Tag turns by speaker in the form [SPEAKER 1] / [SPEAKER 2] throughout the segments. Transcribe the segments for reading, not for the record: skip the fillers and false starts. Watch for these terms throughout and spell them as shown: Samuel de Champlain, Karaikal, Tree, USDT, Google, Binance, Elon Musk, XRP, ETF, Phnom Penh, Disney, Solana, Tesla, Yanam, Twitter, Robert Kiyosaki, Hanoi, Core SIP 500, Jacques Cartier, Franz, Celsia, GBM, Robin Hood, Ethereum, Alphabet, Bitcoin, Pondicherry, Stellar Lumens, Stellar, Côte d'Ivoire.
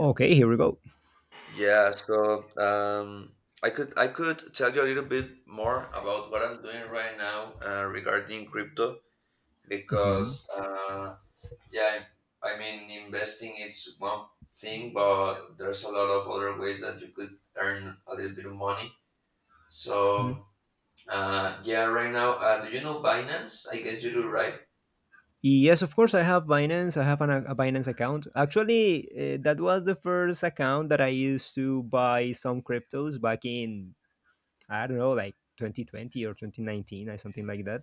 [SPEAKER 1] Okay, here we go.
[SPEAKER 2] Yeah, so um, I could tell you a little bit more about what I'm doing right now regarding crypto
[SPEAKER 1] Mhm,
[SPEAKER 2] because uh, yeah, I, I mean investing it's one thing, but there's a lot of other ways that you could earn a little bit of money.
[SPEAKER 1] mhm.
[SPEAKER 2] So yeah, right now, do you know Binance? I guess you do, right?
[SPEAKER 1] Yes, of course, I have Binance. I have a Binance account. Actually, that was the first account that I used to buy some cryptos back in, I don't know, like 2020 or 2019 or something like that.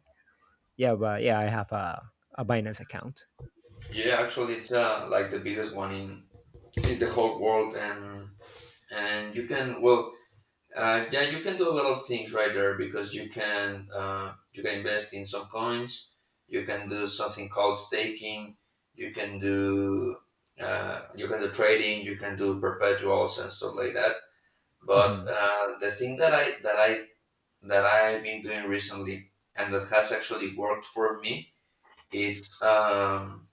[SPEAKER 1] Yeah, but yeah, I have a Binance account.
[SPEAKER 2] Yeah, actually, it's like the biggest one in the whole world, and and you can do a lot of things right there because you can invest in some coins. You can do something called staking. You can do you can do trading. You can do perpetuals and stuff like that. But
[SPEAKER 1] Hmm.
[SPEAKER 2] the thing that I've been doing recently and that has actually worked for me, it's um,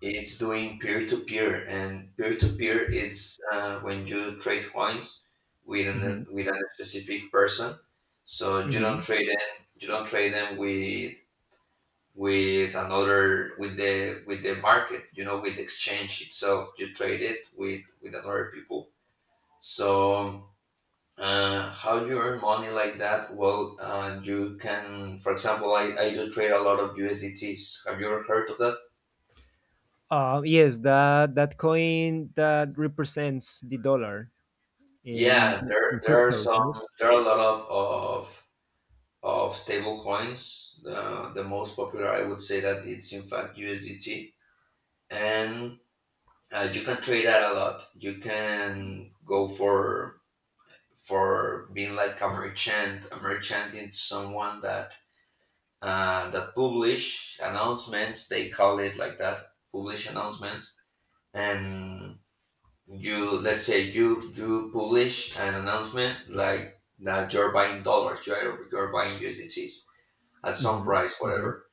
[SPEAKER 2] it's doing peer-to-peer. And peer-to-peer, it's when you trade coins
[SPEAKER 1] Hmm.
[SPEAKER 2] with a specific person, so you don't
[SPEAKER 1] Hmm.
[SPEAKER 2] trade them you don't trade them with another with the market, you know, with the exchange itself. You trade it with another people. So how do you earn money like that? Well, you can, for example, I do trade a lot of usdts. Have you ever heard of that?
[SPEAKER 1] Yes, that coin that represents the dollar, eh, in,
[SPEAKER 2] Yeah, there
[SPEAKER 1] in
[SPEAKER 2] there are
[SPEAKER 1] cryptos,
[SPEAKER 2] some,
[SPEAKER 1] right?
[SPEAKER 2] there are a lot of stable coins. The most popular, I would say that it's in fact USDT, and you can trade that a lot. You can go for being like a merchant. A merchant is someone that that publish announcements. They call it like that, publish announcements, and you let's say you publish an announcement like that you're buying dollars. You're buying usdts at some
[SPEAKER 1] Hmm.
[SPEAKER 2] price,
[SPEAKER 1] Okay.
[SPEAKER 2] whatever.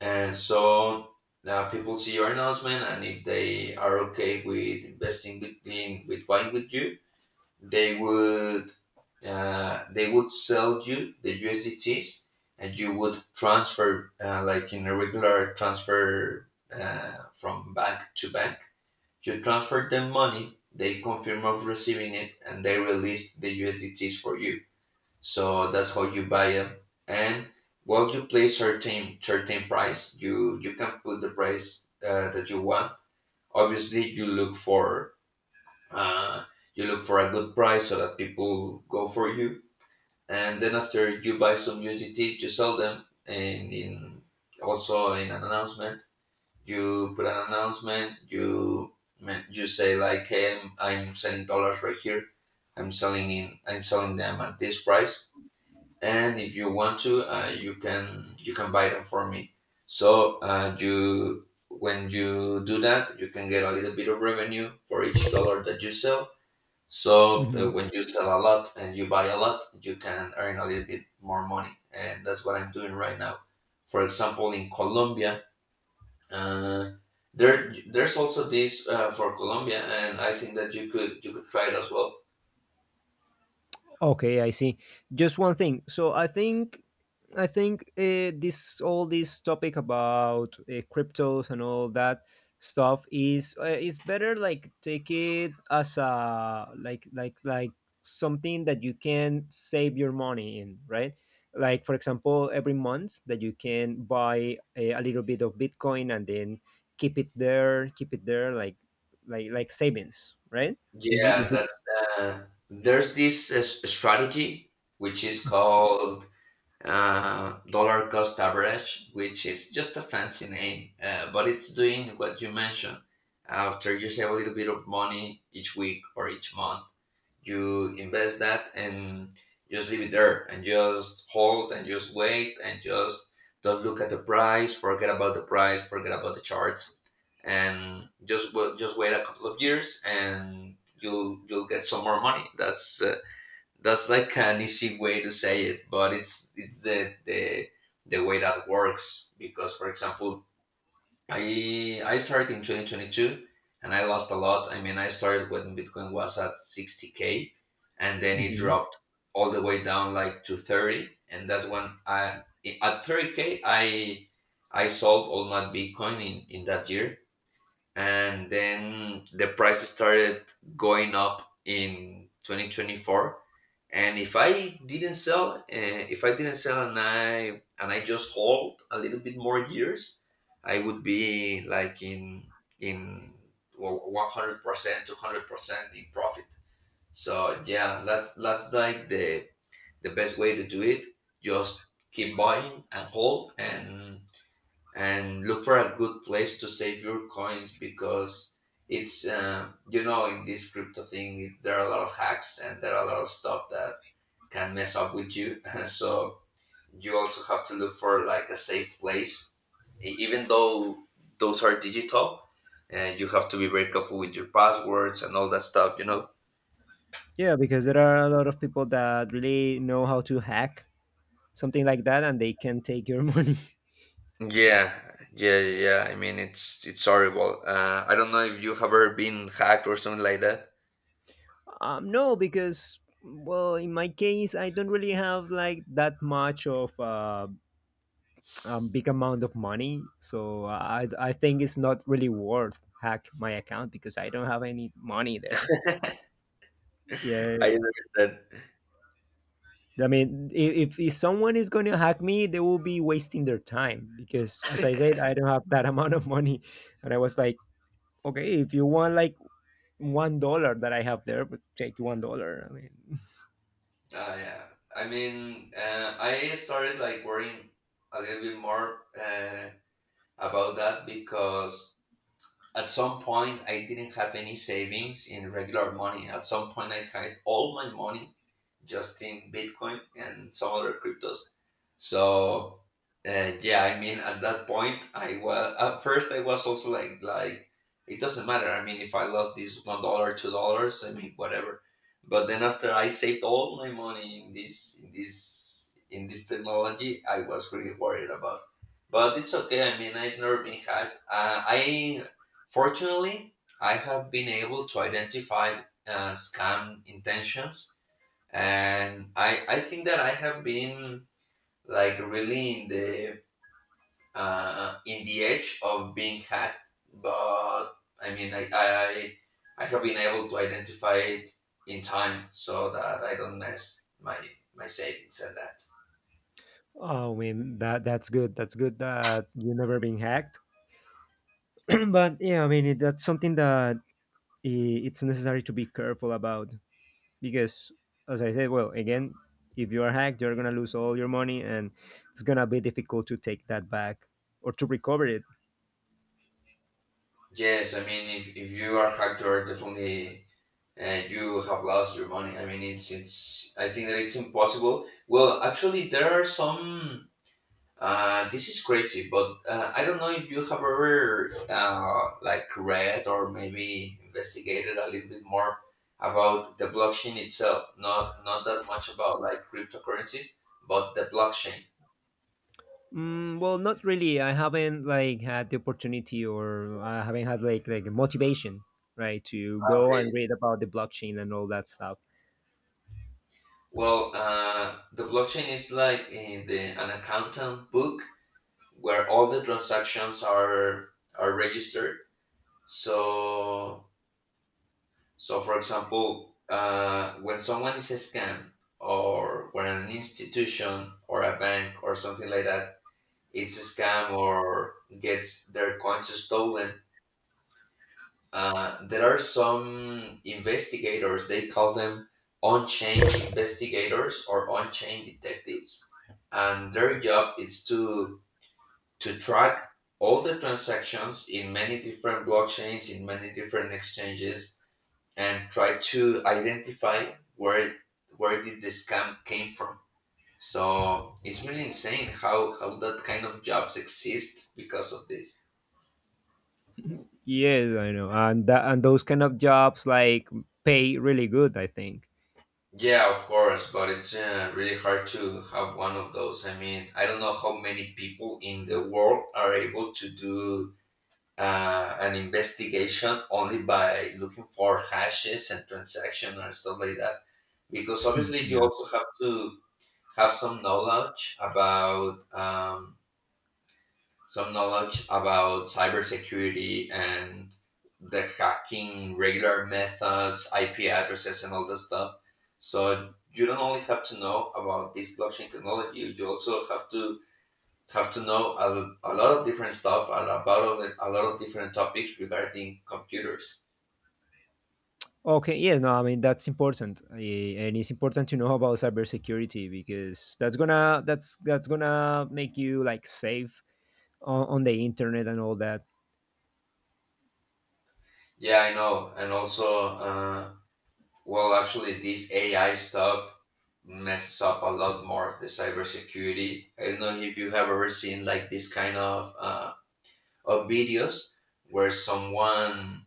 [SPEAKER 2] And so now people see your announcement, and if they are okay with investing with buying with you, they would they would sell you the usdts, and you would transfer, like in a regular transfer, from bank to bank. You transferred them money, they confirm of receiving it, and they release the USDTs for you. So that's how you buy them. And while you play certain price, you can put the price that you want. Obviously, uh, you look for a good price so that people go for you. And then after you buy some USDTs, you sell them, and in also in an announcement. You put an announcement, you you say like, hey, I'm selling dollars right here. I'm selling them at this price, and if you want to, you can buy them for me. So you when you do that, you can get a little bit of revenue for each dollar that you sell. So when you sell a lot and you buy a lot, you can earn a little bit more money, and that's what I'm doing right now, for example, in Colombia. uh, there's also this, for Colombia, and I think that you could try it as well.
[SPEAKER 1] Okay, I see. Just one thing. So I think this all this topic about cryptos and all that stuff is better, like take it as a, like something that you can save your money in, right? Like for example, every month that you can buy a little bit of Bitcoin and then keep it there, like savings, right? Is
[SPEAKER 2] Yeah,
[SPEAKER 1] is
[SPEAKER 2] that's uh, there's this strategy which is called dollar cost average, which is just a fancy name, but it's doing what you mentioned. After you save a little bit of money each week or each month, you invest that and just leave it there, and just hold, and just wait, and just don't look at the price, forget about the price, forget about the charts, and just just wait a couple of years, and you'll get some more money. That's like an easy way to say it, but it's the way that works. Because, for example, I started in 2022, and I lost a lot. I mean, I started when Bitcoin was at 60k, and then it
[SPEAKER 1] it?
[SPEAKER 2] dropped all the way down, like, to 30, and that's when I at 30k I sold all my Bitcoin in that year. And then the price started going up in 2024, and if I didn't sell, if I didn't sell and I and I just hold a little bit more years, I would be like in, well, 100% 200% in profit. So yeah, that's like the best way to do it. Just keep buying, and hold, and look for a good place to save your coins, because it's, you know, in this crypto thing, there are a lot of hacks, and there are a lot of stuff that can mess up with you so you also have to look for like a safe place. Even though those are digital, and you have to be very careful with your passwords and all that stuff, you know?
[SPEAKER 1] Yeah, because there are a lot of people that really know how to hack something like that and they can take your money.
[SPEAKER 2] Yeah yeah yeah I mean, it's horrible. I don't know if you have ever been hacked or something like that.
[SPEAKER 1] No, because, well, in my case, I don't really have like that much of a big amount of money. So I think it's not really worth hack my account because I don't have any money there. Yeah,
[SPEAKER 2] I understand.
[SPEAKER 1] I mean, if someone is going to hack me, they will be wasting their time because, as I said, I don't have that amount of money. And I was like, okay, if you want like $1 that I have there, but take $1. I mean,
[SPEAKER 2] Yeah. I mean, I started like worrying a little bit more about that because at some point I didn't have any savings in regular money. At some point I had all my money just in Bitcoin and some other cryptos. So yeah, I mean at that point, I was at first I was also like, it doesn't matter. I mean, if I lost this $1, $2, I mean, whatever. But then after I saved all my money in this technology, I was really worried about. But it's okay. I mean, I've never been hacked. I Fortunately, I have been able to identify scam intentions, and I think that I have been like really in the edge of being hacked. But I mean, I have been able to identify it in time so that I don't mess my my savings and that.
[SPEAKER 1] oh, I mean that's good. That's good that you never been hacked. But yeah, I mean it, that's something that it's necessary to be careful about because, as I said, well, again, if you are hacked, you're gonna lose all your money, and it's gonna be difficult to take that back or to recover it.
[SPEAKER 2] Yes, I mean, if you are hacked, you're definitely and you have lost your money. I mean, it's it's. I think that it's impossible. Well, actually, there are some. This is crazy, but I don't know if you have ever like read or maybe investigated a little bit more about the blockchain itself. Not that much about like cryptocurrencies, but the blockchain.
[SPEAKER 1] Mm, well, not really. I haven't like had the opportunity, or I haven't had like motivation, right, to go
[SPEAKER 2] Okay.
[SPEAKER 1] and read about the blockchain and all that stuff.
[SPEAKER 2] Well, the blockchain is like in the an accountant book where all the transactions are registered. So, so for example, when someone is scammed, or when an institution or a bank or something like that, it's a scam or gets their coins stolen. There are some investigators. They call them on-chain investigators or on-chain detectives, and their job is to track all the transactions in many different blockchains, in many different exchanges, and try to identify where did the scam came from. So it's really insane how that kind of jobs exist because of this.
[SPEAKER 1] Yes, I know, and that and those kind of jobs like pay really good, I think.
[SPEAKER 2] Yeah, of course, but it's really hard to have one of those. I mean, I don't know how many people in the world are able to do an investigation only by looking for hashes and transaction and stuff like that. Because obviously, you
[SPEAKER 1] Yeah.
[SPEAKER 2] also have to have some knowledge about cybersecurity and the hacking regular methods, IP addresses, and all that stuff. So you don't only have to know about this blockchain technology; you also have to know a lot of different stuff and about a lot of different topics regarding computers.
[SPEAKER 1] Okay. Yeah. No. I mean that's important, and it's important to know about cybersecurity because that's gonna make you like safe on the internet and all that.
[SPEAKER 2] Yeah, I know, and also. Well, actually, this AI stuff messes up a lot more the cybersecurity. I don't know if you have ever seen like this kind of videos where someone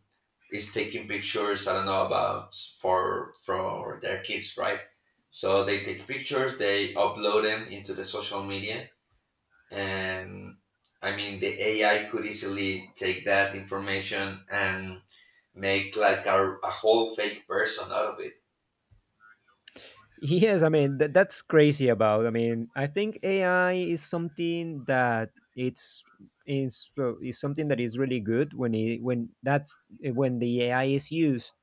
[SPEAKER 2] is taking pictures. I don't know about for their kids, right? So they take pictures, they upload them into the social media, and I mean the AI could easily take that information and make like a whole fake person out of it.
[SPEAKER 1] Yes, I mean that that's crazy about. I mean, I think AI is something that it's is, well, is something that is really good when it when that's when the AI is used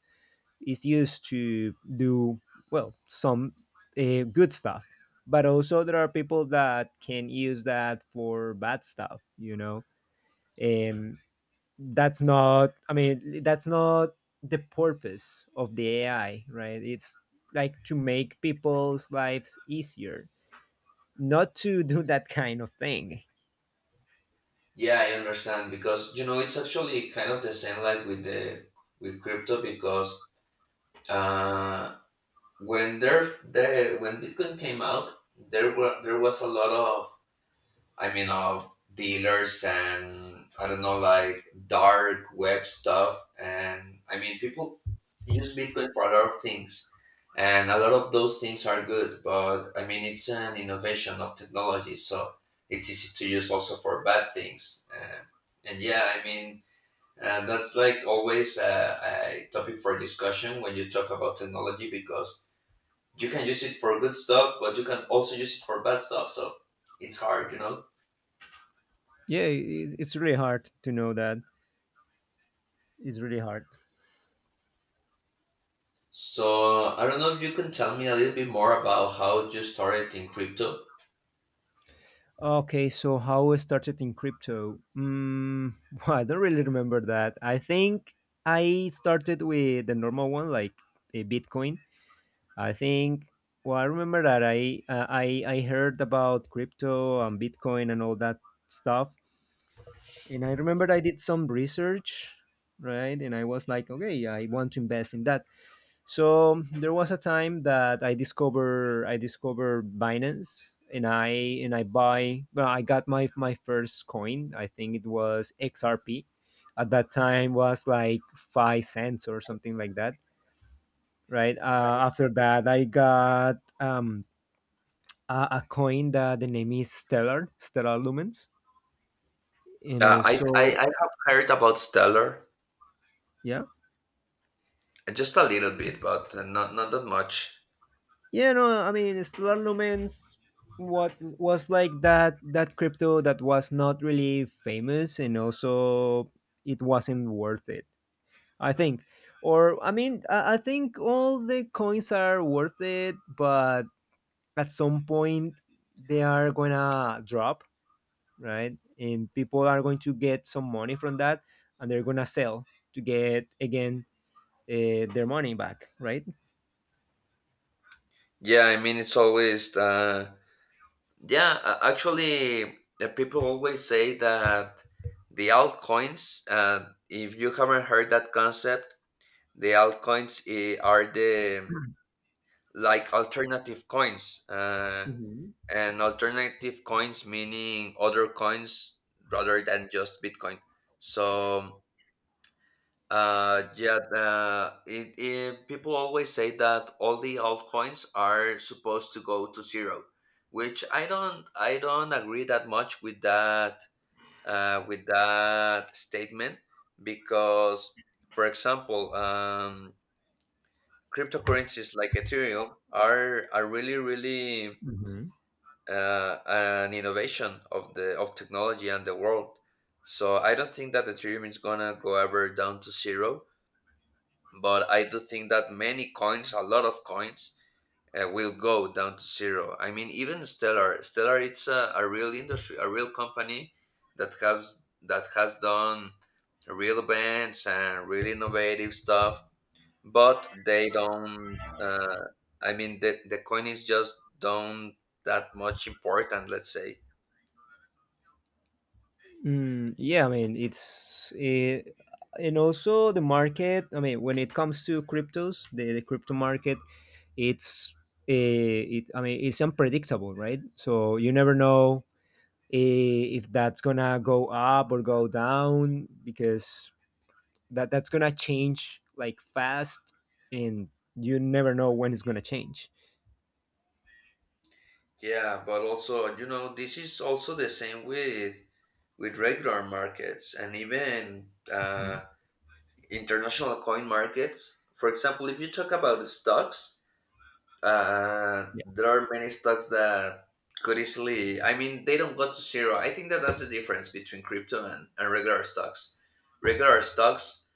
[SPEAKER 1] is used to do, well, some good stuff. But also there are people that can use that for bad stuff, you know. Um, that's not I mean that's not the purpose of the AI, right? It's like to make people's lives easier, not to do that kind of thing.
[SPEAKER 2] Yeah, I understand, because you know it's actually kind of the same, like, with the with crypto. Because uh, when there when Bitcoin came out, there was a lot of, I mean, of dealers and I don't know like dark web stuff, and I mean, people use Bitcoin for a lot of things. And a lot of those things are good, but I mean, it's an innovation of technology, so it's easy to use also for bad things. And yeah, I mean, and that's like always a topic for discussion when you talk about technology, because you can use it for good stuff, but you can also use it for bad stuff. So it's hard, you know?
[SPEAKER 1] Yeah, it's really hard to know that. It's really hard.
[SPEAKER 2] So I don't know if you can tell me a little bit more about how you started in crypto.
[SPEAKER 1] Okay, so how I started in crypto, I don't really remember that. I think I started with the normal one, like a Bitcoin, I think. Well, I remember that I heard about crypto and Bitcoin and all that stuff, and I remember I did some research, right? And I was like, okay, I want to invest in that. So there was a time that I discovered Binance, and I buy. Well, I got my first coin. I think it was XRP. At that time, was like 5 cents or something like that, right? After that, I got a coin that the name is Stellar, Lumens, and
[SPEAKER 2] Uh, I, I,
[SPEAKER 1] also,
[SPEAKER 2] I have heard about Stellar,
[SPEAKER 1] yeah,
[SPEAKER 2] just a little bit, but not that much.
[SPEAKER 1] yeah. No, I mean Stellar Lumens. What was like that crypto that was not really famous, and also it wasn't worth it. I think, or I mean, I think all the coins are worth it, but at some point they are gonna drop, right? And people are going to get some money from that, and they're gonna sell to get again their money back, right?
[SPEAKER 2] Yeah, I mean, it's always. Yeah, actually, people always say that the altcoins, if you haven't heard that concept, the altcoins are the like alternative coins. Uh,
[SPEAKER 1] Hmm.
[SPEAKER 2] and alternative coins meaning other coins rather than just Bitcoin. So yeah, people always say that all the altcoins are supposed to go to zero, which I don't agree that much with that statement because, for example, cryptocurrencies like Ethereum are really really
[SPEAKER 1] Hmm.
[SPEAKER 2] an innovation of the of technology and the world. So I don't think that Ethereum is gonna go ever down to zero, but I do think that many coins, a lot of coins, will go down to zero. I mean, even Stellar, it's a real industry, a real company that has done real events and really innovative stuff, but they don't. I mean, the coin is just don't that much important. Let's say.
[SPEAKER 1] Mm, yeah, I mean it's and also the market. I mean, when it comes to cryptos, the crypto market, it's it. I mean, it's unpredictable, right? So you never know if that's gonna go up or go down, because that's gonna change like fast, and you never know when it's gonna change.
[SPEAKER 2] Yeah, but also, you know, this is also the same with regular markets and even.
[SPEAKER 1] Mhm.
[SPEAKER 2] Uh, international coin markets. For example, if you talk about the stocks,
[SPEAKER 1] Yeah.
[SPEAKER 2] there are many stocks that could easily, I mean, they don't go to zero. I think that that's the difference between crypto and regular stocks. Regular stocks,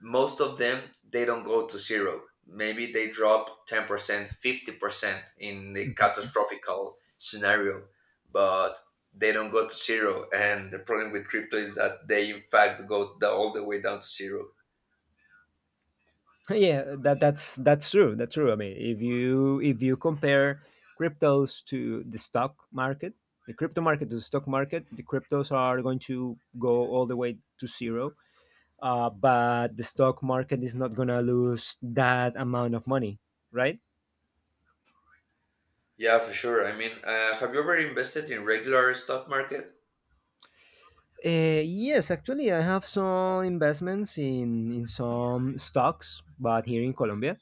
[SPEAKER 2] most of them, they don't go to zero. Maybe they drop 10%, 50% in the catastrophical scenario, but they don't go to zero. And the problem with crypto is that they, in fact, go all the way down to zero.
[SPEAKER 1] Yeah, that's true, that's true. I mean, if you compare cryptos to the stock market, the crypto market to the stock market, the cryptos are going to go all the way to zero, but the stock market is not going to lose that amount of money, right.
[SPEAKER 2] Yeah, for sure. I mean, have you ever invested in regular stock market?
[SPEAKER 1] Yes, actually I have some investments in some stocks, but here in Colombia.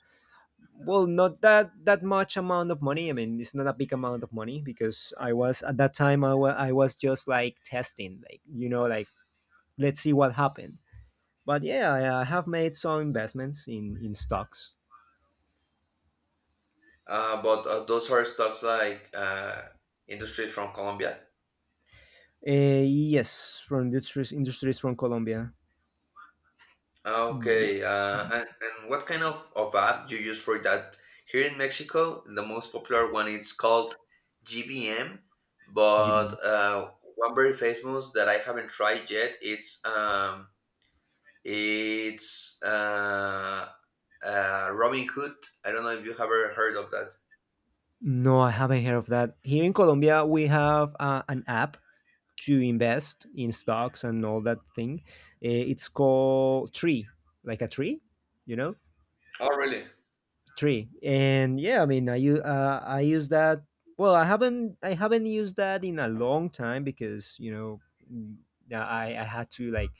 [SPEAKER 1] Well, not that much amount of money. I mean, it's not a big amount of money because I was at that time I was just like testing, like, like, let's see what happened. But yeah, I have made some investments in stocks.
[SPEAKER 2] But those are stocks like industries from Colombia.
[SPEAKER 1] Uh, yes, from industries from Colombia. Y-
[SPEAKER 2] Okay. And what kind of app do you use for that? Here in Mexico, the most popular one is called GBM,
[SPEAKER 1] G B
[SPEAKER 2] but
[SPEAKER 1] M.
[SPEAKER 2] one very famous that I haven't tried yet. It's Robin Hood. I don't know if you have ever heard of that.
[SPEAKER 1] No, I haven't heard of that. Here in Colombia, we have an app to invest in stocks and all that thing. It's called Tree, like a tree, you know,
[SPEAKER 2] Oh, really?
[SPEAKER 1] three. And yeah, I mean I use that. Well, I haven't used that in a long time because, you know, mm, yeah, I had to like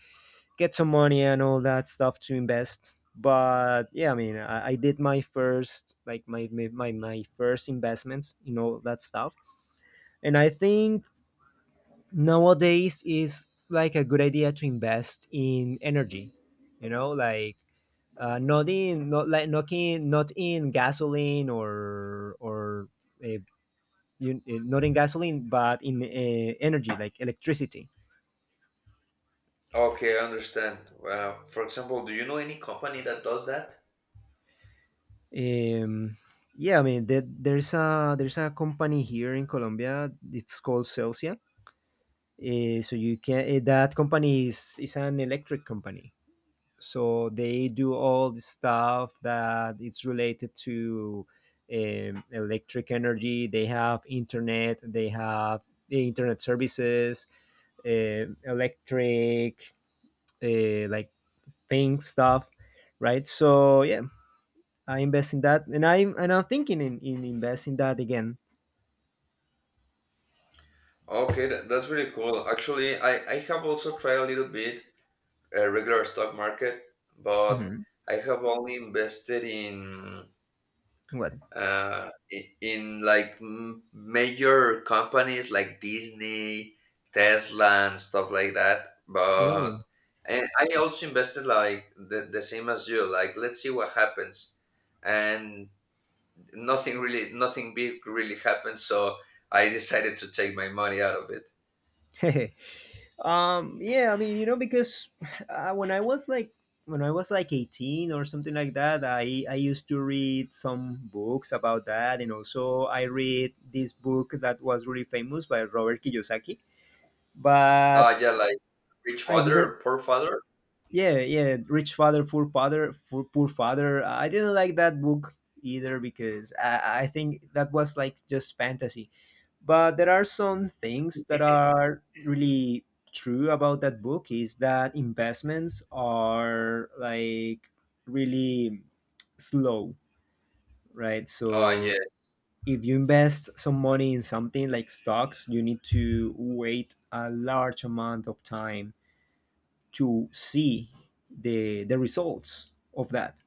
[SPEAKER 1] get some money and all that stuff to invest. But yeah, I mean, I did my first, like my first investments in all that stuff. And I think nowadays is like a good idea to invest in energy, you know, like, not in gasoline, or uh, not in gasoline, but in energy, like electricity.
[SPEAKER 2] Okay, I understand. For example, do you know any company that does that?
[SPEAKER 1] Um, yeah, I mean there's a company here in Colombia. It's called Celsia. So you can that company is an electric company. So they do all the stuff that it's related to electric energy. They have the internet services, electric, like thing stuff, right, so yeah, I invest in that, and I'm thinking in investing that again.
[SPEAKER 2] Okay, that, that's really cool. Actually, I have also tried a little bit regular stock market, but
[SPEAKER 1] Hmm.
[SPEAKER 2] I have only invested in
[SPEAKER 1] What.
[SPEAKER 2] in like major companies like Disney, Tesla, and stuff like that. But
[SPEAKER 1] Mm.
[SPEAKER 2] and I also invested like the same as you. Like, let's see what happens. And nothing big really happened, so I decided to take my money out of it.
[SPEAKER 1] Yeah, I mean, because when I was like 18 or something like that, I used to read some books about that, and also I read this book that was really famous by Robert Kiyosaki, but
[SPEAKER 2] uh yeah like Rich
[SPEAKER 1] I
[SPEAKER 2] father
[SPEAKER 1] didn't.
[SPEAKER 2] or poor father?
[SPEAKER 1] Yeah, yeah, rich father poor father, poor father, I didn't like that book either, because I think that was like just fantasy. But there are some things that are really true about that book, is that investments are like really slow, right?
[SPEAKER 2] Yeah.
[SPEAKER 1] So if you invest some money in something like stocks, you need to wait a large amount of time to see the results of that,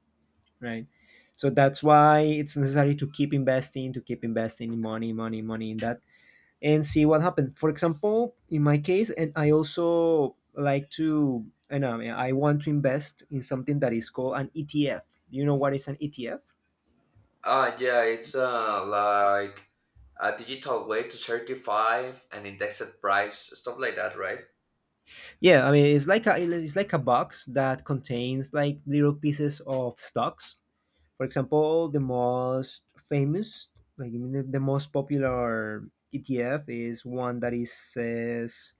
[SPEAKER 1] right? So that's why it's necessary to keep investing, in money, money, money in that, and see what happens. For example, in my case, And, I mean, I want to invest in something that is called an ETF. You know what is an ETF?
[SPEAKER 2] Yeah it's like a digital way to certify an indexed price, stuff like that, right?
[SPEAKER 1] Yeah, I mean it's like a box that contains like little pieces of stocks. For example, the most famous, like I mean, the most popular ETF is one that is says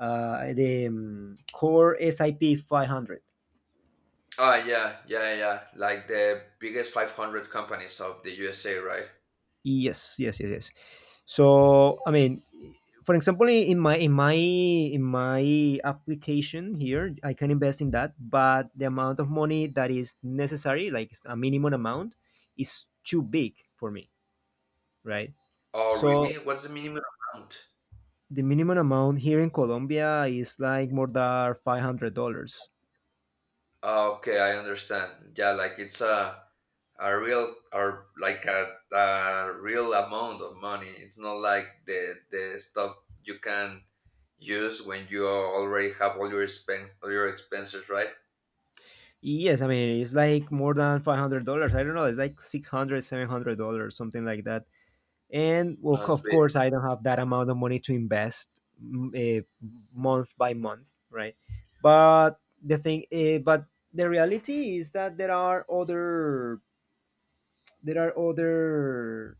[SPEAKER 1] the Core SIP 500.
[SPEAKER 2] Yeah, yeah, yeah, like the biggest 500 companies of the USA, right?
[SPEAKER 1] Yes, yes, yes, yes. So I mean, for example, in my application here, I can invest in that, but the amount of money that is necessary, like a minimum amount, is too big for me, right?
[SPEAKER 2] Oh really,
[SPEAKER 1] So
[SPEAKER 2] what's the minimum amount?
[SPEAKER 1] the minimum amount here in Colombia is like more than $500.
[SPEAKER 2] Ah, okay, I understand. Yeah, like it's a real, or like a real amount of money. It's not like the stuff you can use when you already have all your expense all your expenses, right?
[SPEAKER 1] Yes, I mean it's like more than $500. I don't know, it's like 600, $700, something like that. And well,
[SPEAKER 2] No, it's
[SPEAKER 1] of
[SPEAKER 2] big.
[SPEAKER 1] course, I don't have that amount of money to invest month by month, right? But the reality is that there are other, there are other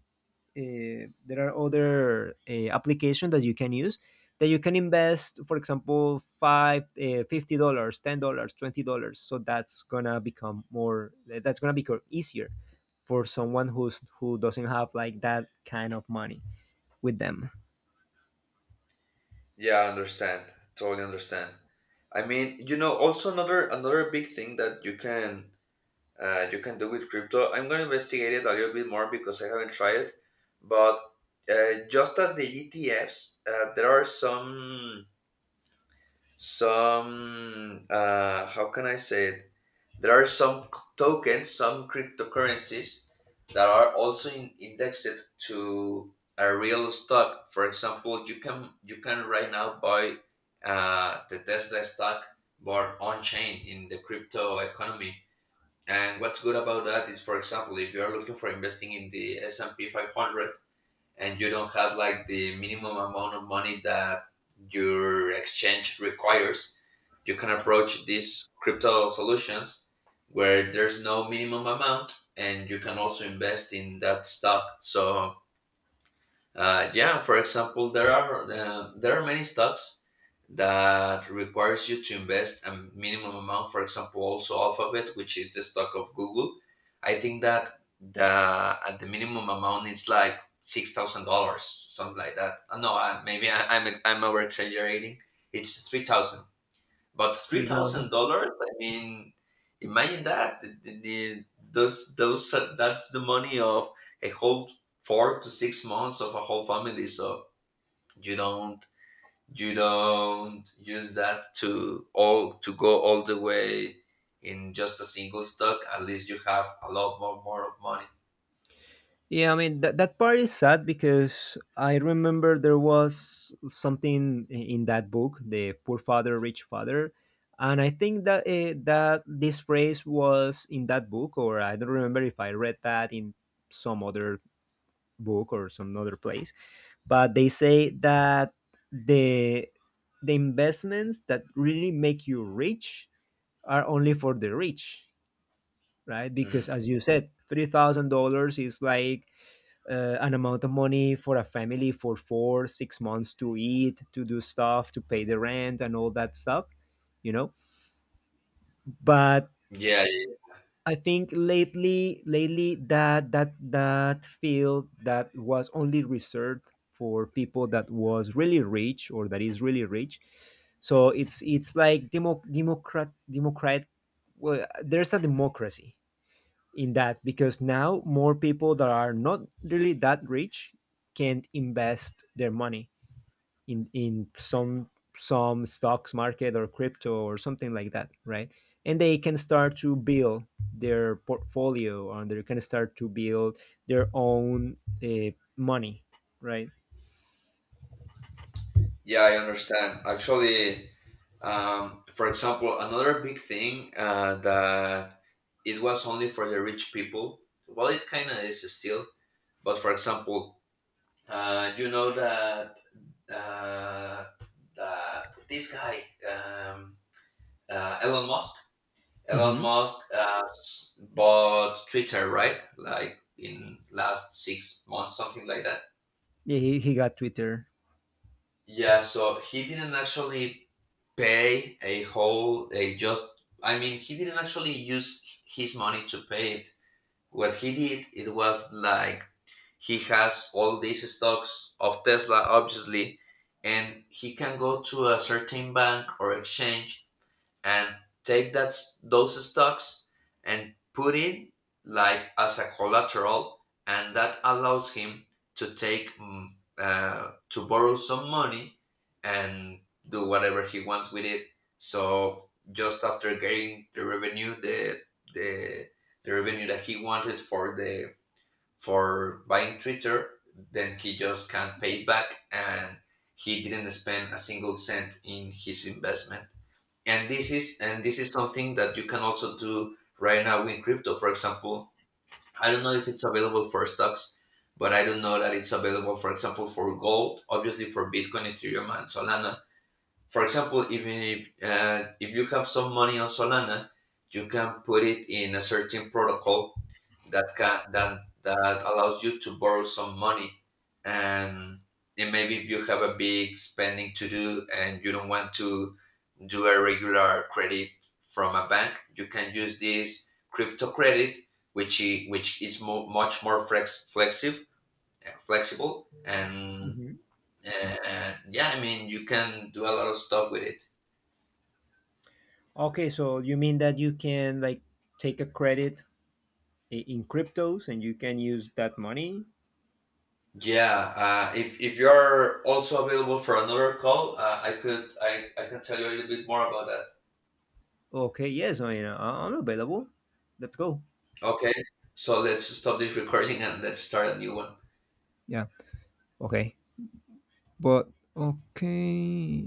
[SPEAKER 1] applications that you can use, that you can invest, for example, five $50, $10, $20, so that's gonna become easier for someone who doesn't have like that kind of money with them.
[SPEAKER 2] Yeah, I understand. Totally understand. I mean, you know, also another another big thing that you can do with crypto. I'm gonna investigate it a little bit more because I haven't tried it. But just as the ETFs, there are some. Some how can I say it, there are some tokens, some cryptocurrencies that are also indexed to a real stock. For example, you can right now buy the Tesla stock, but on chain in the crypto economy. And what's good about that is, for example, if you are looking for investing in the S&P 500 and you don't have like the minimum amount of money that your exchange requires, you can approach these crypto solutions where there's no minimum amount and you can also invest in that stock. So yeah, for example, there are many stocks that requires you to invest a minimum amount. For example, also Alphabet, which is the stock of Google. I think that the at the minimum amount it's like $6,000, something like that. No, maybe I'm over exaggerating. It's 3,000. But three thousand
[SPEAKER 1] 3,000.
[SPEAKER 2] dollars, I mean, imagine that. The- those that's the money of a whole 4 to 6 months of a whole family. So you don't you don't use that to all to go all the way in just a single stock. At least you have a lot more more of money.
[SPEAKER 1] Yeah, I mean that part is sad because I remember there was something in that book, the poor father, rich father, and I think that this phrase was in that book, or I don't remember if I read that in some other book or some other place. But they say that the the investments that really make you rich are only for the rich, right?
[SPEAKER 2] Mm.
[SPEAKER 1] Because as you said, $3,000 is like, an amount of money for a family for 4-6 months to eat, to do stuff, to pay the rent and all that stuff, you know. But
[SPEAKER 2] Yeah,
[SPEAKER 1] I think lately that field that was only reserved for people that was really rich, or that is really rich. So it's like, demo, democrat democrat well, there's a democracy in that, because now more people that are not really that rich can invest their money in some stocks market or crypto or something like that, right. And they can start to build their portfolio, and they can start to build their own uh, money, right.
[SPEAKER 2] yeah, I understand. Actually, for example, another big thing that it was only for the rich people. Well, it kind of is still. But for example, you know that uh, this guy um, Elon Musk. Elon
[SPEAKER 1] Hmm.
[SPEAKER 2] Musk bought Twitter, right? Like in last 6 months, something like that.
[SPEAKER 1] Yeah, he got Twitter.
[SPEAKER 2] Yeah. So he didn't actually pay a whole a just. I mean, he didn't actually use his money to pay it. What he did, it was like he has all these stocks of Tesla, obviously, and he can go to a certain bank or exchange and take that those stocks and put it like as a collateral, and that allows him to take to borrow some money and do whatever he wants with it. So just after getting the revenue, the the revenue that he wanted for the for buying Twitter, then he just can't pay it back, and he didn't spend a single cent in his investment. And this is something that you can also do right now in crypto. For example, I don't know if it's available for stocks, but I do know that it's available, for example, for gold, obviously for Bitcoin, Ethereum, and Solana. For example, even if you have some money on Solana, you can put it in a certain protocol that can that allows you to borrow some money, and and maybe if you have a big spending to do and you don't want to do a regular credit from a bank, you can use this crypto credit, which which is much more flexible flexible and
[SPEAKER 1] Mhm.
[SPEAKER 2] and yeah, I mean, you can do a lot of stuff with it.
[SPEAKER 1] Okay, so you mean that you can like take a credit, in cryptos, and you can use that money.
[SPEAKER 2] Yeah, if you're also available for another call, I could I can tell you a little bit more about that.
[SPEAKER 1] Okay, yes, I mean, I'm available. Let's go.
[SPEAKER 2] Okay, so let's stop this recording and let's start a new one.
[SPEAKER 1] Yeah. Okay. But okay.